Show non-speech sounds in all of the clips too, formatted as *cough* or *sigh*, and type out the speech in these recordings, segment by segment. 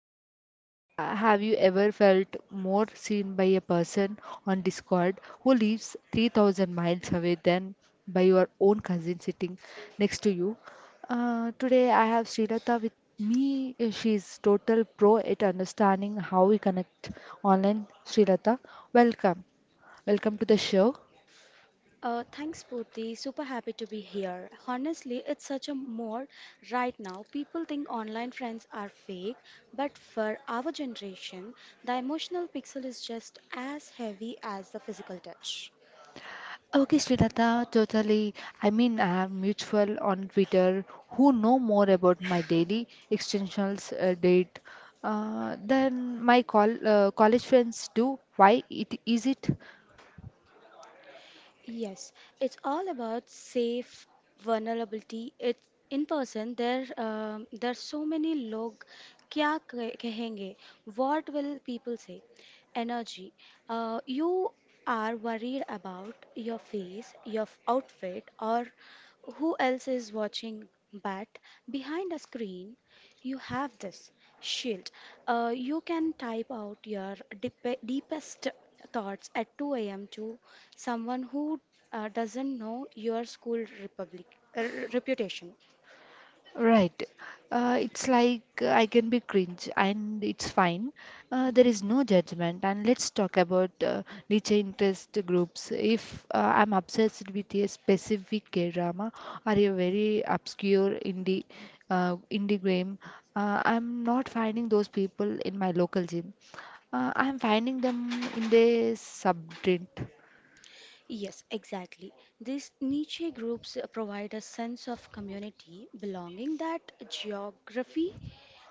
Have you ever felt more seen by a person on Discord who lives 3,000 miles away than by your own cousin sitting next to you? Today I have Srilata with me. She's total pro at understanding how we connect online. Srilata, welcome. Welcome to the show. Thanks, Purti. Super happy to be here. Honestly, it's such a mode right now. People think online friends are fake, but for our generation, the emotional pixel is just as heavy as the physical touch. Okay, Srilata, totally. I mean, I have mutual on Twitter who know more about my daily extensions date than my college friends do. Why it is it? Yes, it's all about safe vulnerability. It's in person. There, there are so many log. क्या कहेंगे? What will people say? Energy. You are worried about your face, your outfit, or who else is watching. But behind a screen, you have this. Shield. You can type out your deepest thoughts at 2 a.m. to someone who doesn't know your school republic, uh, reputation. Right. It's like I can be cringe and it's fine. There Mhm. is no judgment. And let's talk about niche interest groups. If I'm obsessed with a specific K-drama or a very obscure indie game, I'm not finding those people in my local gym. I'm finding them in the subreddit. Yes, exactly. These niche groups provide a sense of community belonging that geography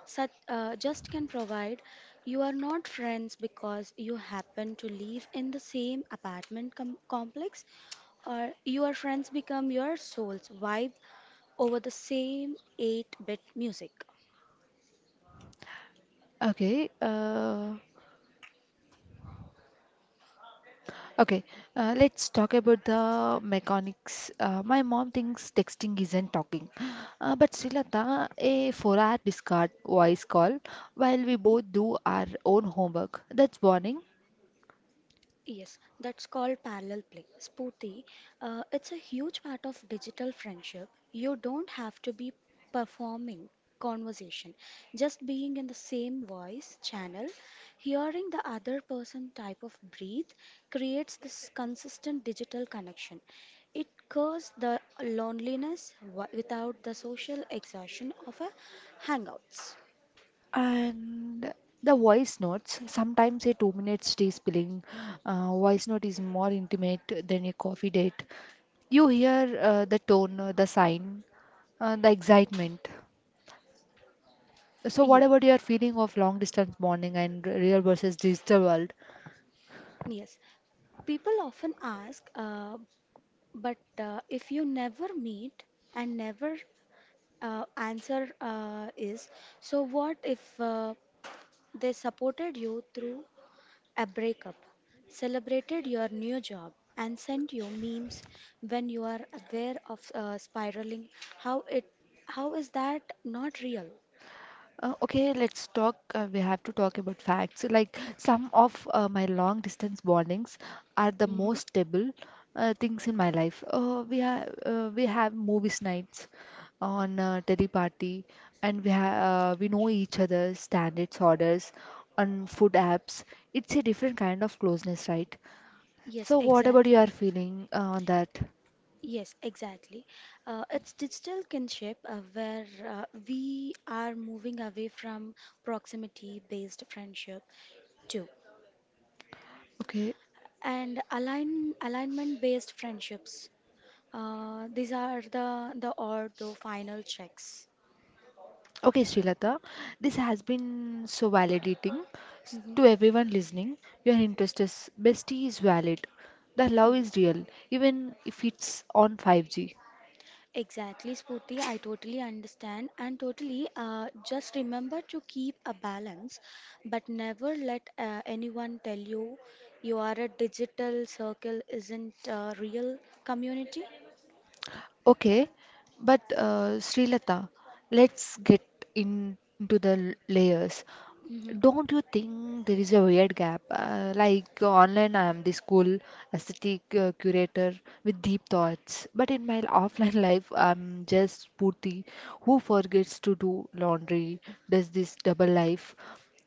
such, just can provide. You are not friends because you happen to live in the same apartment complex, or your friends become your soul's vibe over the same 8 bit music. Okay. Okay, let's talk about the mechanics. My mom thinks texting isn't talking, but Srilata, a four-hour discard voice call while we Mhm. both do our own homework. That's bonding. Yes, that's called parallel play. Spooty, it's a huge part of digital friendship. You don't have to be performing conversation, just being in the same voice channel, hearing the other person type of breathe creates this consistent digital connection. It cures the loneliness without the social exhaustion of a hangouts. And the voice notes, sometimes a two-minute stay spilling voice note is more intimate than a coffee date. You hear the tone, the sign, the excitement. So, what Yeah, about your feeling of long distance bonding and real versus digital world? yes. People often ask, but if you never meet and never answer is, so what if they supported you through a breakup, celebrated your new job, and sent you memes when you are aware of spiraling? How it, how is that not real? Okay, let's talk. We have to talk about facts. Like some of my long distance bondings are the Hmm. most stable things in my life. We have movies nights on party, and we know each other's standards, orders on food apps. It's a different kind of closeness, right? Yes, So, what about your exactly. feeling on that? Yes, exactly. It's digital kinship where we are moving away from proximity based friendship too Okay. and alignment based friendships. These are the final checks. Okay, Srilata, this has been so validating Mhm. to everyone listening. Your interest is bestie is valid. The love Yeah. is real, even if it's on 5G. Exactly, Spooty. I totally understand and totally just remember to keep a balance, but never let anyone tell you you are a digital circle isn't a real community. Okay, but Srilata, let's get into the layers. Mhm. Don't you think there is a weird gap? Like online, I am the school aesthetic curator with deep thoughts, but in my *laughs* offline life, I'm just Purti who forgets to do laundry, does this double life.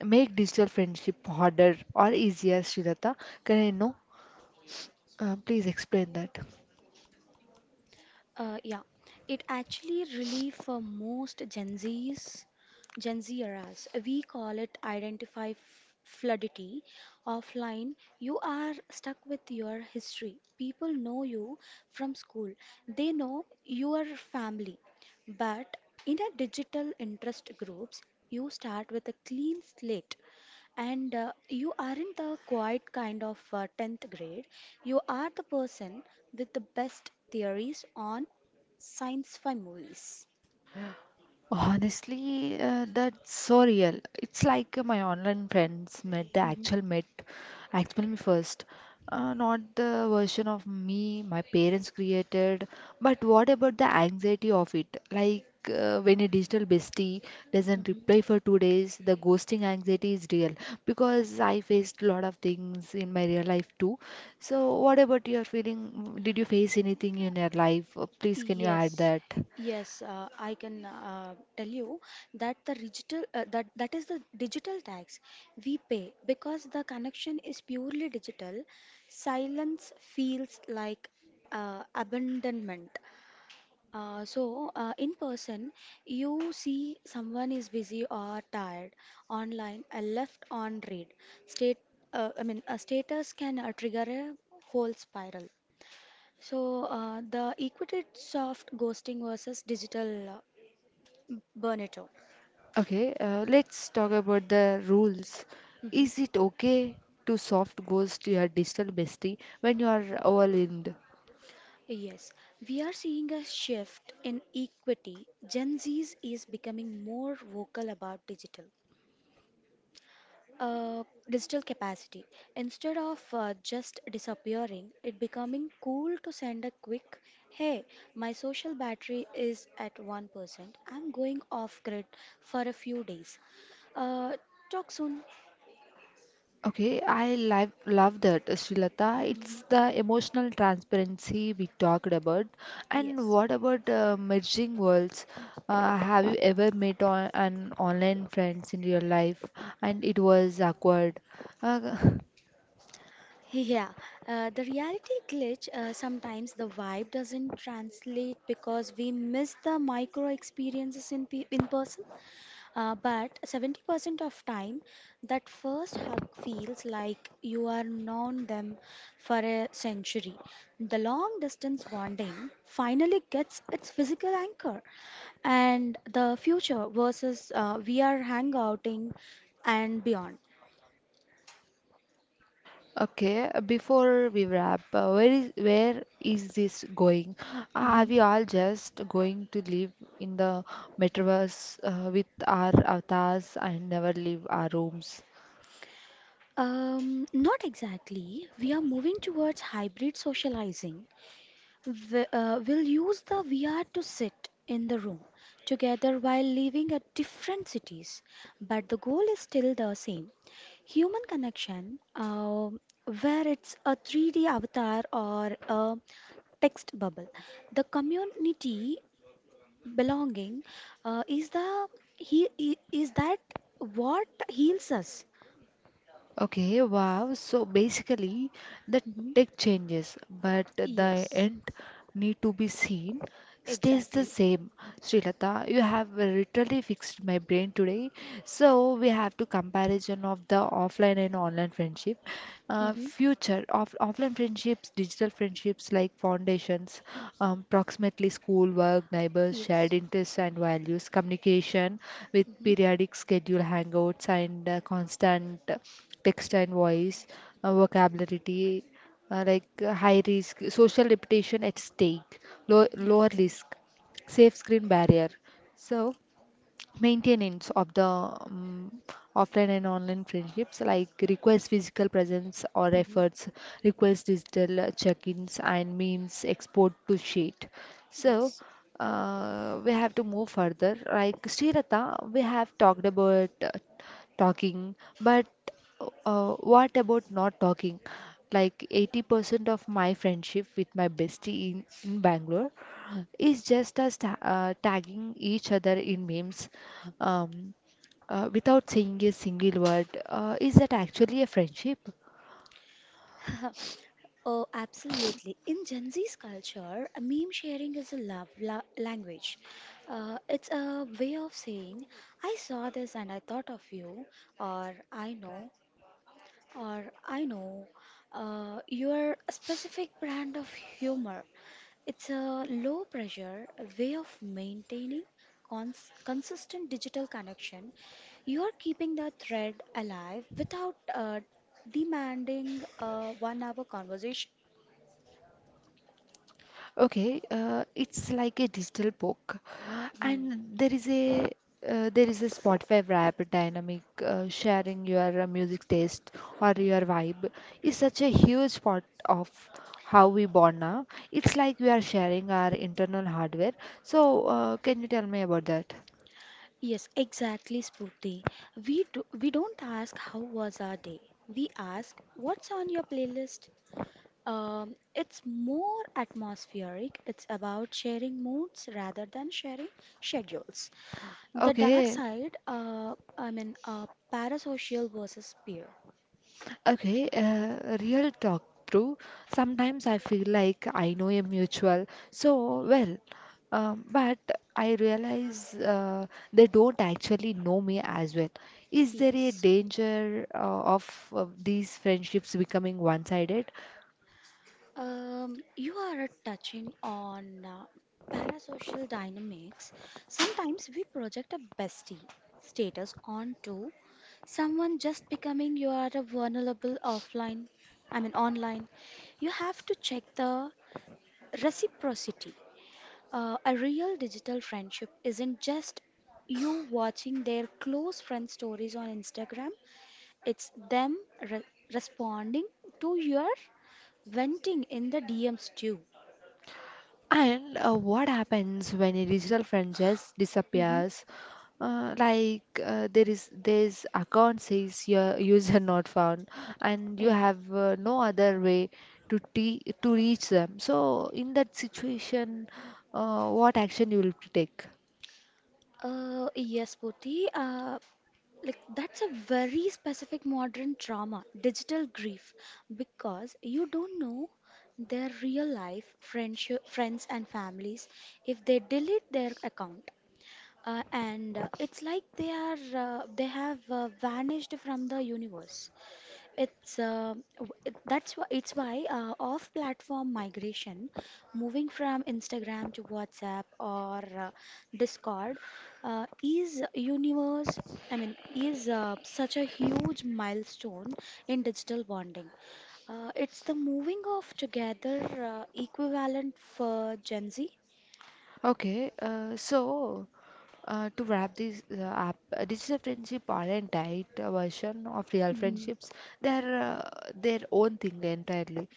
Make digital friendship harder or easier, Srilata. Can I know? Please explain that. Yeah, it actually relief for most Gen Zs, Gen Z eras. We call it fluidity. Offline, you are stuck with your history. People know you from school. They know your family. But in a digital interest groups, you start with a clean slate. And you aren't the quiet kind of 10th grade. You are the person with the best theories on science fi movies. Honestly, that's so real. It's like my online friends met the Mhm, actual met actual me first, not the version of me my parents created. But what about the anxiety of it? Like when a digital bestie doesn't reply mhm. for 2 days, the ghosting anxiety is real because I faced a lot of things in my real life too. So what about your feeling? Did you face anything in your life? Please, can you add Yes, that? yes, I can tell you that the digital that that is the digital tax we pay because the connection is purely digital. Silence feels like abandonment. In person, you see someone is busy or tired. Online, a left on read. State, a status can trigger a whole spiral. So, the equated soft ghosting versus digital burnout. Okay, let's talk about the rules. Mhm. Is it okay to soft ghost your digital bestie when you are overwhelmed? Yes, we are seeing a shift in equity. Gen Z is becoming more vocal about digital. Digital capacity. Instead of just disappearing, it becoming cool to send a quick, hey, my social battery is at 1%. I'm going off grid for a few days. Uh, Talk soon. Okay, I love that, Srilata. It's the emotional transparency we talked about. And Yes. what about merging worlds? Have you ever met an online friends in real life and it was awkward? Uh, *laughs* Yeah, the reality glitch, sometimes the vibe doesn't translate because we miss the micro experiences in person. But 70% of time, that first hug feels like you are known them for a century. The long distance bonding finally gets its physical anchor, and the future versus we are hangouting and beyond. Okay, before we wrap, where is this going? Are Mhm. we all just going to live in the metaverse with our avatars and never leave our rooms? Not exactly. We are moving towards hybrid socializing. We'll use the VR to sit in the room together while living at different cities, but the goal is still the same. Human connection, where it's a 3D avatar or a text bubble. The community belonging is that what heals us. Okay, wow. So basically, the Mhm. tech changes, but the Yes. end need to be seen. Stays the Exactly. same. Srilata, you have literally fixed my brain today. So we have to comparison of the offline and online friendship. Mm-hmm. Future of offline friendships, digital friendships like foundations, approximately school, work, neighbors, shared Yes. interests and values, communication with Mm-hmm. periodic schedule hangouts and constant text and voice, vocabulary like high risk, social reputation at stake, low, Yeah. lower risk, safe screen barrier. So, maintenance of the offline and online friendships like requires physical presence or Mm-hmm. efforts, requires digital check-ins and memes export to sheet. So, Yes. We have to move further. Like Srirata, we have talked about talking, but what about not talking? Like 80% of my friendship with my bestie in Bangalore is just us tagging each other in memes um, without saying a single word. Is that actually a friendship? *laughs* Oh, absolutely. In Gen Z's culture, a meme sharing is a love la language. It's a way of saying, I saw this and I thought of you, or I know, or I know. Your specific brand of humor. It's a low pressure way of maintaining consistent digital connection. You are keeping the thread alive without demanding a 1 hour conversation. Okay, it's like a digital book, Hmm. and there is a Spotify Wrapped dynamic sharing your music taste or your vibe is such a huge part of how we bond now. It's like we are sharing our internal hardware. So, can you tell me about that? Yes, exactly, Spruti. We don't ask how was our day. We ask what's on your playlist. It's more atmospheric. It's about sharing moods rather than sharing schedules. The dark Okay, side, parasocial versus peer. Okay, real talk through. Sometimes I feel like I know a mutual so well, but I realize they don't actually know me as well. Is there a Yes. danger of these friendships becoming one-sided? You are touching on parasocial dynamics. Sometimes we project a bestie status onto someone just becoming you are a vulnerable online. You have to check the reciprocity. A real digital friendship isn't just you watching their close friend stories on Instagram. It's them re- responding to your venting in the DMs too. And what happens when a digital friend just Hmm. disappears? Like there is this account says your user *laughs* not found, and you Yeah. have no other way to reach them. So in that situation, what action you will take? Yes, Puti. Like that's a very specific modern trauma, digital grief, because you don't know their real life friendship, friends and families if they delete their account. And it's like they are they have vanished from the universe. It's w- it- that's why it's why Off-platform migration, moving from Instagram to WhatsApp or Discord, uh, is universe. I mean, is such a huge milestone in digital bonding. It's the moving of together equivalent for Gen Z. Okay, so to wrap this up, digital friendship aren't tight version of real Mm-hmm. friendships. They're their own thing entirely.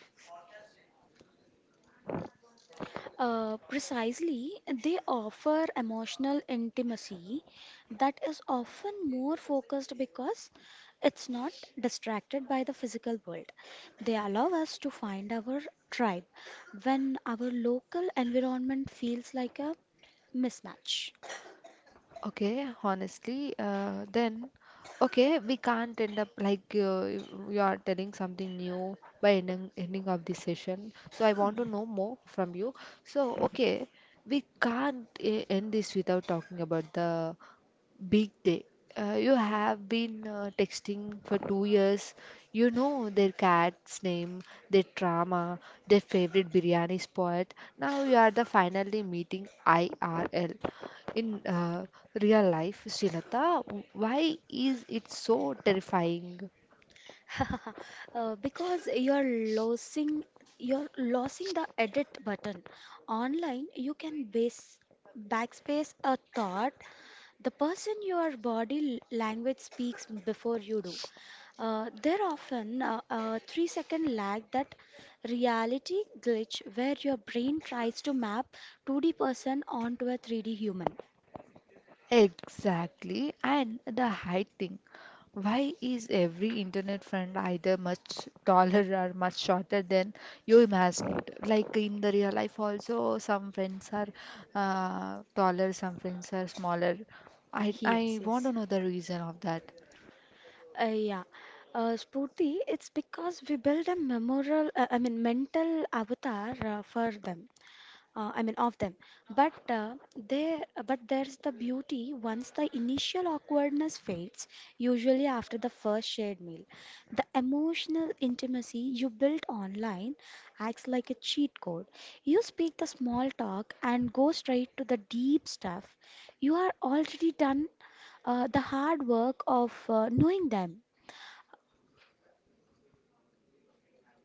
Precisely, they offer emotional intimacy that is often more focused because it's not distracted by the physical world. They allow us to find our tribe when our local environment feels like a mismatch. Okay, honestly, then okay, we can't end up like you are telling something new by ending of this session. So I want to know more from you. So okay, we can't end this without talking about the Big day. You have been texting for 2 years. You know their cat's name, their drama, their favorite biryani spot. Now you are the finally meeting IRL. In real life, Srilata, why is it so terrifying? *laughs* Because losing you're losing the edit button. Online, you can base backspace a thought. The person your body language speaks before you do. There often a 3 second lag that reality glitch where your brain tries to map 2D person onto a 3D human. Exactly. And the height thing. Why is every internet friend either much taller *laughs* or much shorter than you imagined? Like in the real life also, some friends are taller, some friends are smaller. I Yes, want to yes. know the reason of that. Uh, yeah. Spooty, it's because we build a mental avatar for them. Of them. But uh, they, but there's the beauty. Once the initial awkwardness fades, usually after the first shared meal, the emotional intimacy you built online acts like a cheat code. You speak the small talk and go straight to the deep stuff. You are already done the hard work of knowing them.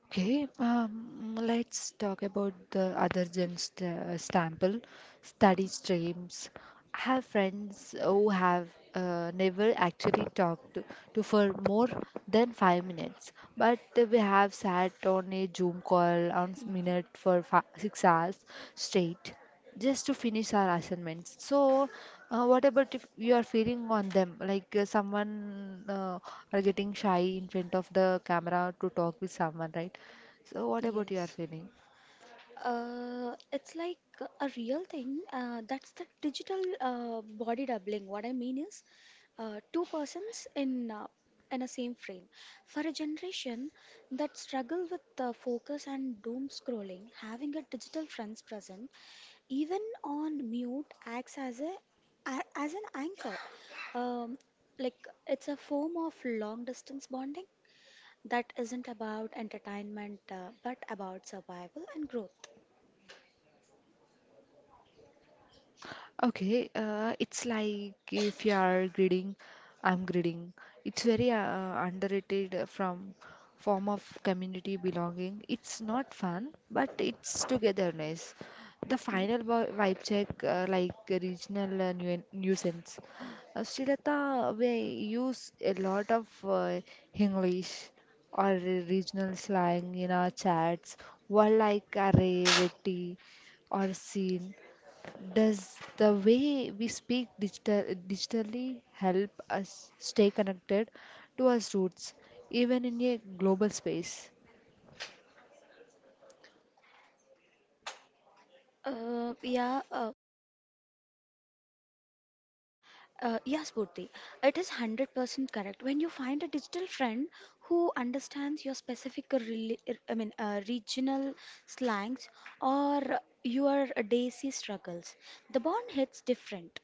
Okay, let's talk about the other than st Stample study streams. I have friends who have never actually talked to for more than 5 minutes, but we have sat on a Zoom call on s- minute for fi 6 hours straight just to finish our assignments. So, what about if you are feeling on them, like someone are getting shy in front of the camera to talk with someone, right? So, what about your Yes. feeling? It's like a real thing. That's the digital body doubling. What I mean is two persons in a same frame. For a generation that struggle with focus and doom scrolling, having a digital friends present, even on mute, acts as as an anchor. Um, like it's a form of long distance bonding that isn't about entertainment but about survival and growth. Okay, it's like if you are grading, I'm grading. It's very underrated from form of community belonging. It's not fun, but it's togetherness. The final vibe check, like a regional nu nuisance. Srilata, we use a lot of English or regional slang in our chats. Word like array, vetti, or scene. Does the way we speak digitally help us stay connected to our roots, even in a global space? Uh, yeah, uh, yes, Purti, it is 100% correct. When you find a digital friend who understands your specific, reli- I mean, regional slangs or your daisy struggles, the bond hits different.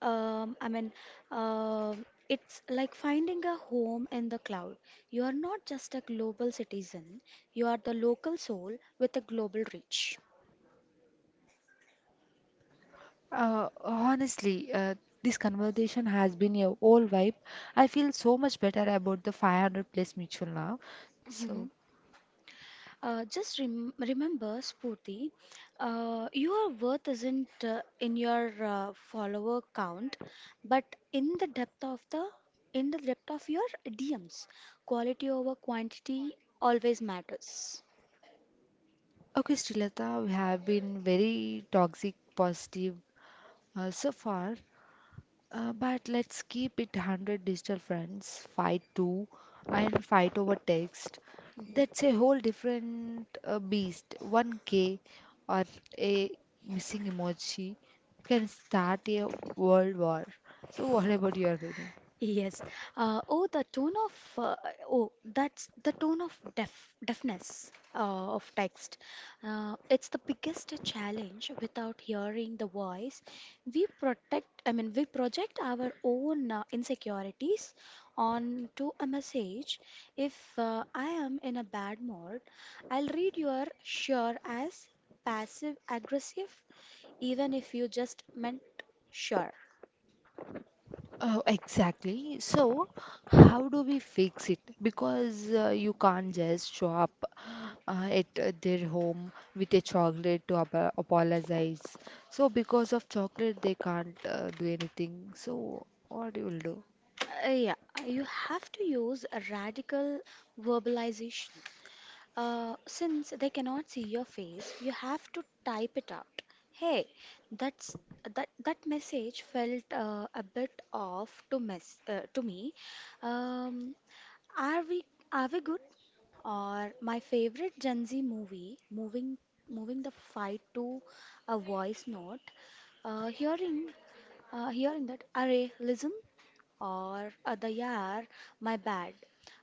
Um, I mean, uh, it's like finding a home in the cloud. You are not just a global citizen, you are the local soul with a global reach. Honestly, this conversation has been a whole vibe. I feel so much better about the 500 place mutual now. So, Mhm. Just remember, Spooty, your worth isn't in your follower count, but in the depth of the in the depth of your DMs. Quality over quantity always matters. okay, Srilata, we have been very toxic positive so far. But let's keep it 100 digital friends, fight too, and fight over text. Mhm. That's a whole different beast. 1K or a missing emoji can start a world war. So, what about your feeling? Yes. Oh, the tone of oh, that's the tone of deafness of text. It's the biggest challenge without hearing the voice. We protect, I mean, we project our own insecurities onto a message. If I am in a bad mood, I'll read your sure as passive aggressive, even if you just meant sure. Oh, exactly. So, how do we fix it? Because you can't just show up at their home with a chocolate to ap apologize. So, because of chocolate, they can't do anything. So, what you will do? Yeah, you have to use a radical verbalization. Since they cannot see your face, you have to type it out. Hey, that's that message felt a bit off to me. Um, are we are we good? Or my favorite Gen Z movie, moving the fight to a voice note. Uh, hearing hearing that, array, listen or other the "yaar, my bad"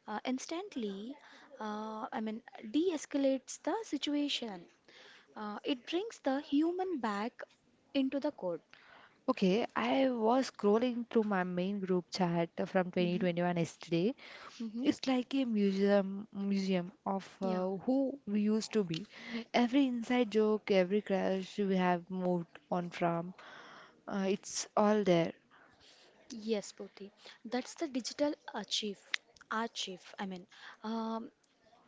instantly, uh, I mean, de-escalates the situation. It brings the human back into the code. Okay, I was scrolling through my main group chat from Hmm. 2021 yesterday. Hmm. It's like a museum of Yeah. Who we used to be. Every inside joke, every crush we have moved on from, it's all there. Yes, Poti. That's the digital achieve. Achieve. I mean, um,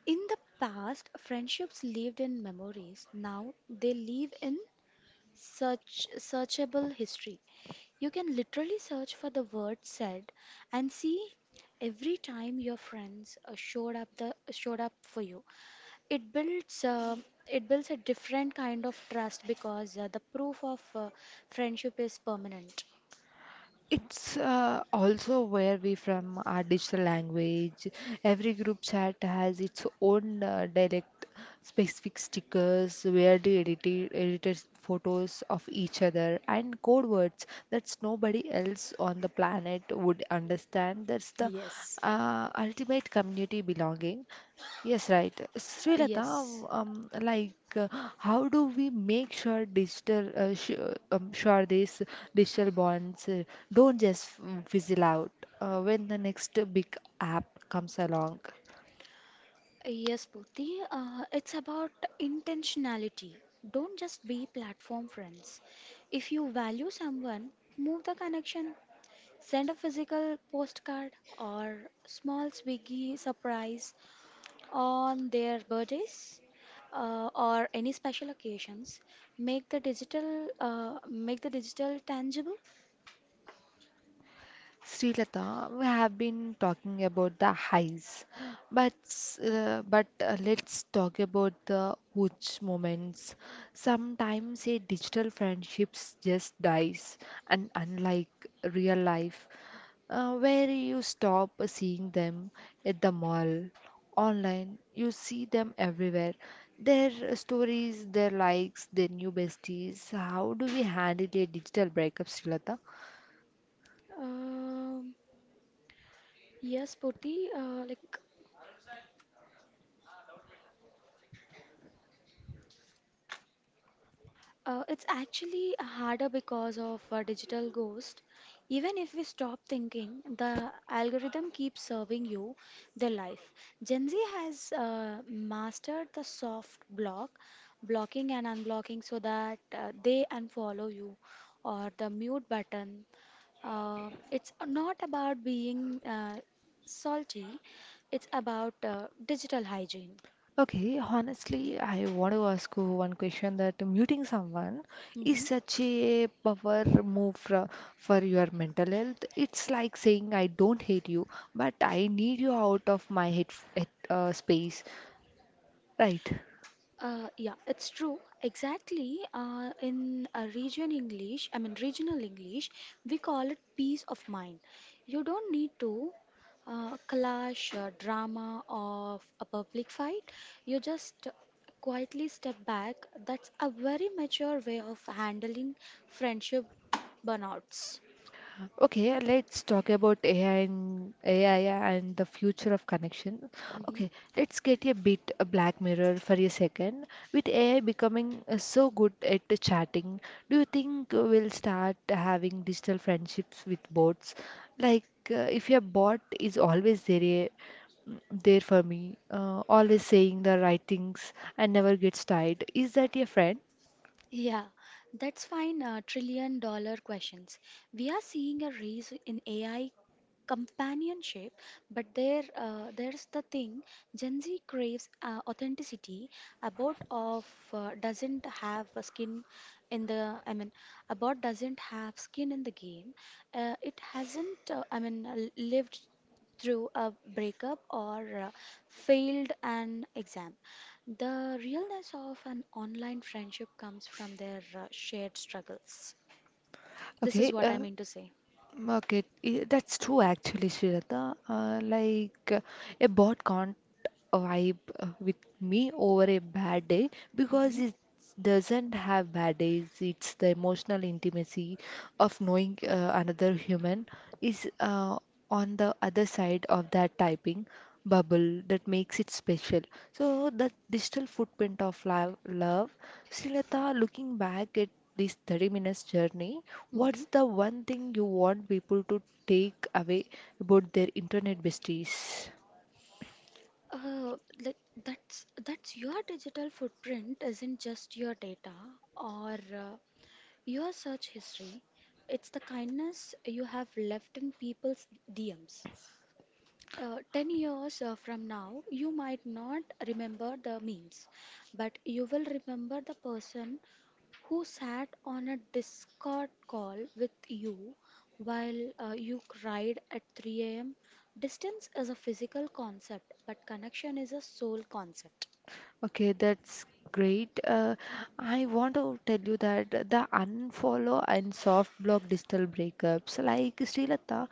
in the past, friendships lived in memories. Now they live in searchable history. You can literally search for the word said and see every time your friends showed up for you. It builds uh, it builds a different kind of trust because the proof of friendship is permanent. It's also where we from our digital language. Every group chat has its own dialect, specific stickers, edited photos of each other, and code words that nobody else on the planet would understand. That's the Yes. Ultimate community belonging. Yes, right. Uh, Srilata, yes. How do we make sure digital, sh sure these digital bonds don't just fizzle out when the next big app comes along? Yes, Puti. It's about intentionality. Don't just be platform friends. If you value someone, move the connection. Send a physical postcard or small Swiggy surprise on their birthdays or any special occasions. Make the digital tangible. Srilata, we have been talking about the highs, but let's talk about the huge moments. Sometimes a digital friendships just dies, and unlike real life, where you stop seeing them at the mall, online, you see them everywhere. Their stories, their likes, their new besties. How do we handle a digital breakup, Srilata? Um yes, Purti, like It's actually harder because of digital ghost. Even if we stop thinking, the algorithm keeps serving you the life. Gen Z has mastered the soft block, blocking and unblocking, so that they unfollow you or the mute button. It's not about being salty, it's about digital hygiene. Okay, honestly, I want to ask you one question that muting someone is Hmm. such a power move for your mental health. It's like saying, I don't hate you, but I need you out of my head space, right? Yeah, it's true. Exactly. In a region English, I mean regional English, we call it peace of mind. You don't need to clash drama of a public fight. You just quietly step back. That's a very mature way of handling friendship burnouts. Okay, let's talk about AI and the future of connection. Hmm. Okay, let's get a bit a Black Mirror for a second. With AI becoming so good at the chatting, do you think we'll start having digital friendships with bots? Like if your bot is always there, there for me, always saying the right things and never gets tired, is that your friend? Yeah, that's fine. Trillion-dollar questions. We are seeing a rise in AI companionship, but there's the thing. Gen Z craves authenticity. About of doesn't have a skin in the I mean About doesn't have skin in the game. It hasn't lived through a breakup or uh, failed an exam. The realness of an online friendship comes from their shared struggles. This is Okay, what I uh, mean to say. Okay, that's true actually, Shrita. Like a bot can't vibe with me over a bad day because Hmm. it's doesn't have bad days. It's the emotional intimacy of knowing another human is on the other side of that typing bubble that makes it special. So the digital footprint of love, Srilata, looking back at this 30 minutes journey, what's Hmm. the one thing you want people to take away about their internet besties? Uh, like that's your digital footprint isn't just your data or uh, your search history. It's the kindness you have left in people's DMs. 10 years from now, you might not remember the memes, but you will remember the person who sat on a Discord call with you while you cried at 3 a.m. Distance is a physical concept, but connection is a soul concept. Okay, that's great. I want to tell you that the unfollow and soft block digital breakups, like Srilata,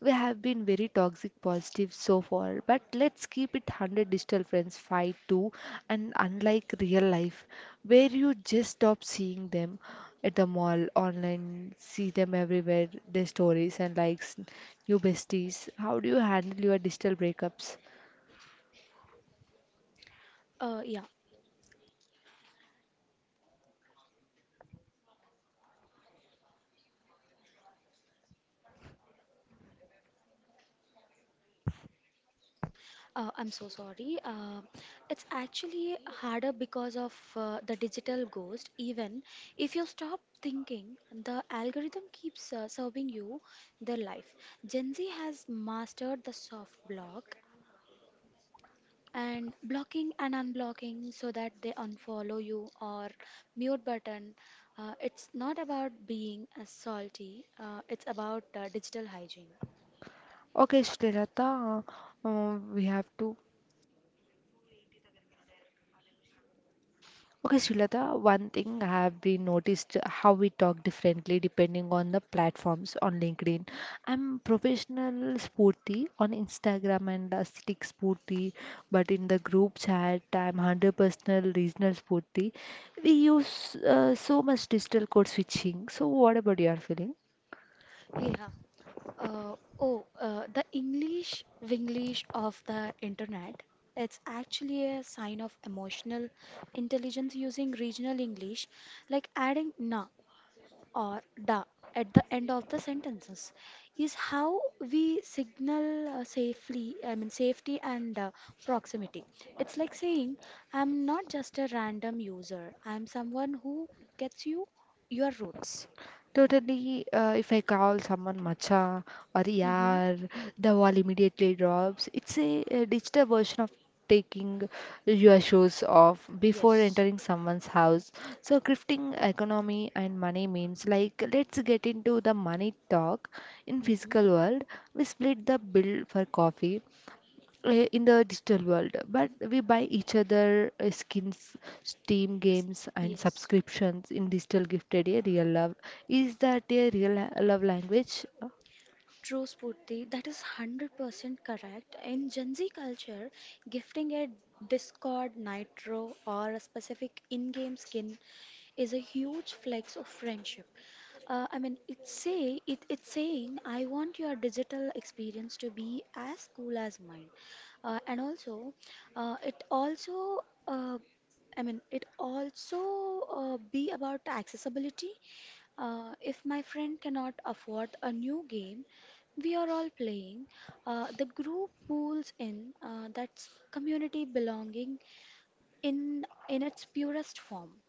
we have been very toxic positive so far, but let's keep it 100 digital friends fight too, and unlike real life, where you just stop seeing them at the mall, online, see them everywhere, their stories and likes, new besties. How do you handle your digital breakups? Uh, yeah, I'm so sorry. It's actually harder because of the digital ghost. Even if you stop thinking, the algorithm keeps serving you their life. Gen Z has mastered the soft block and blocking and unblocking so that they unfollow you or mute button. It's not about being salty. It's about digital hygiene. Okay, Srilata. We have to Okay, Srilata, one thing I have been noticed how we talk differently depending on the platforms on LinkedIn. I'm professional sporty on Instagram and aesthetic sporty, but in the group chat, I'm 100 personal regional sporty. We use so much digital code switching. So, what about your feeling? Yeah. uh, oh the english winglish of the internet, it's actually a sign of emotional intelligence. Using regional english like adding na or da at the end of the sentences is how we signal safely I mean safety and proximity. It's like saying, I'm not just a random user, I'm someone who gets you, your roots. Totally, if I call someone Macha or Mm-hmm. Yaar, the wall immediately drops. It's a digital version of taking your shoes off before Yes. entering someone's house. So, grifting economy and money means like let's get into the money talk in Mm-hmm. physical world. We split the bill for coffee in the digital world but we buy each other skins steam games and Yes, subscriptions in digital gifted a real love is that a love language. true, Spurti. That is 100% correct. In Gen Z culture, gifting a Discord Nitro or a specific in game skin is a huge flex of friendship. It's saying I want your digital experience to be as cool as mine, and also it also uh, I mean it also be about accessibility. If my friend cannot afford a new game, we are all playing. The group pulls in. That's community belonging in its purest form.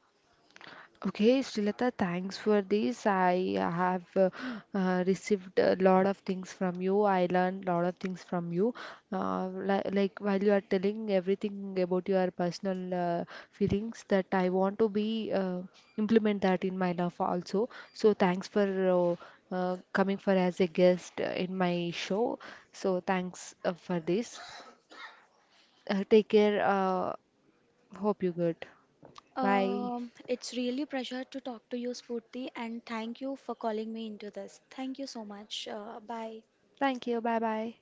Okay, Srilata, thanks for this. I have received a lot of things from you. I learned a lot of things from you. Li like while you are telling everything about your personal feelings, that I want to be implement that in my life also. So thanks for uh, coming for as a guest in my show. So thanks for this. Take care. Hope you good. Bye. It's really pleasure to talk to you, Spurti, and thank you for calling me into this. Thank you so much. Bye. Thank you. Bye bye.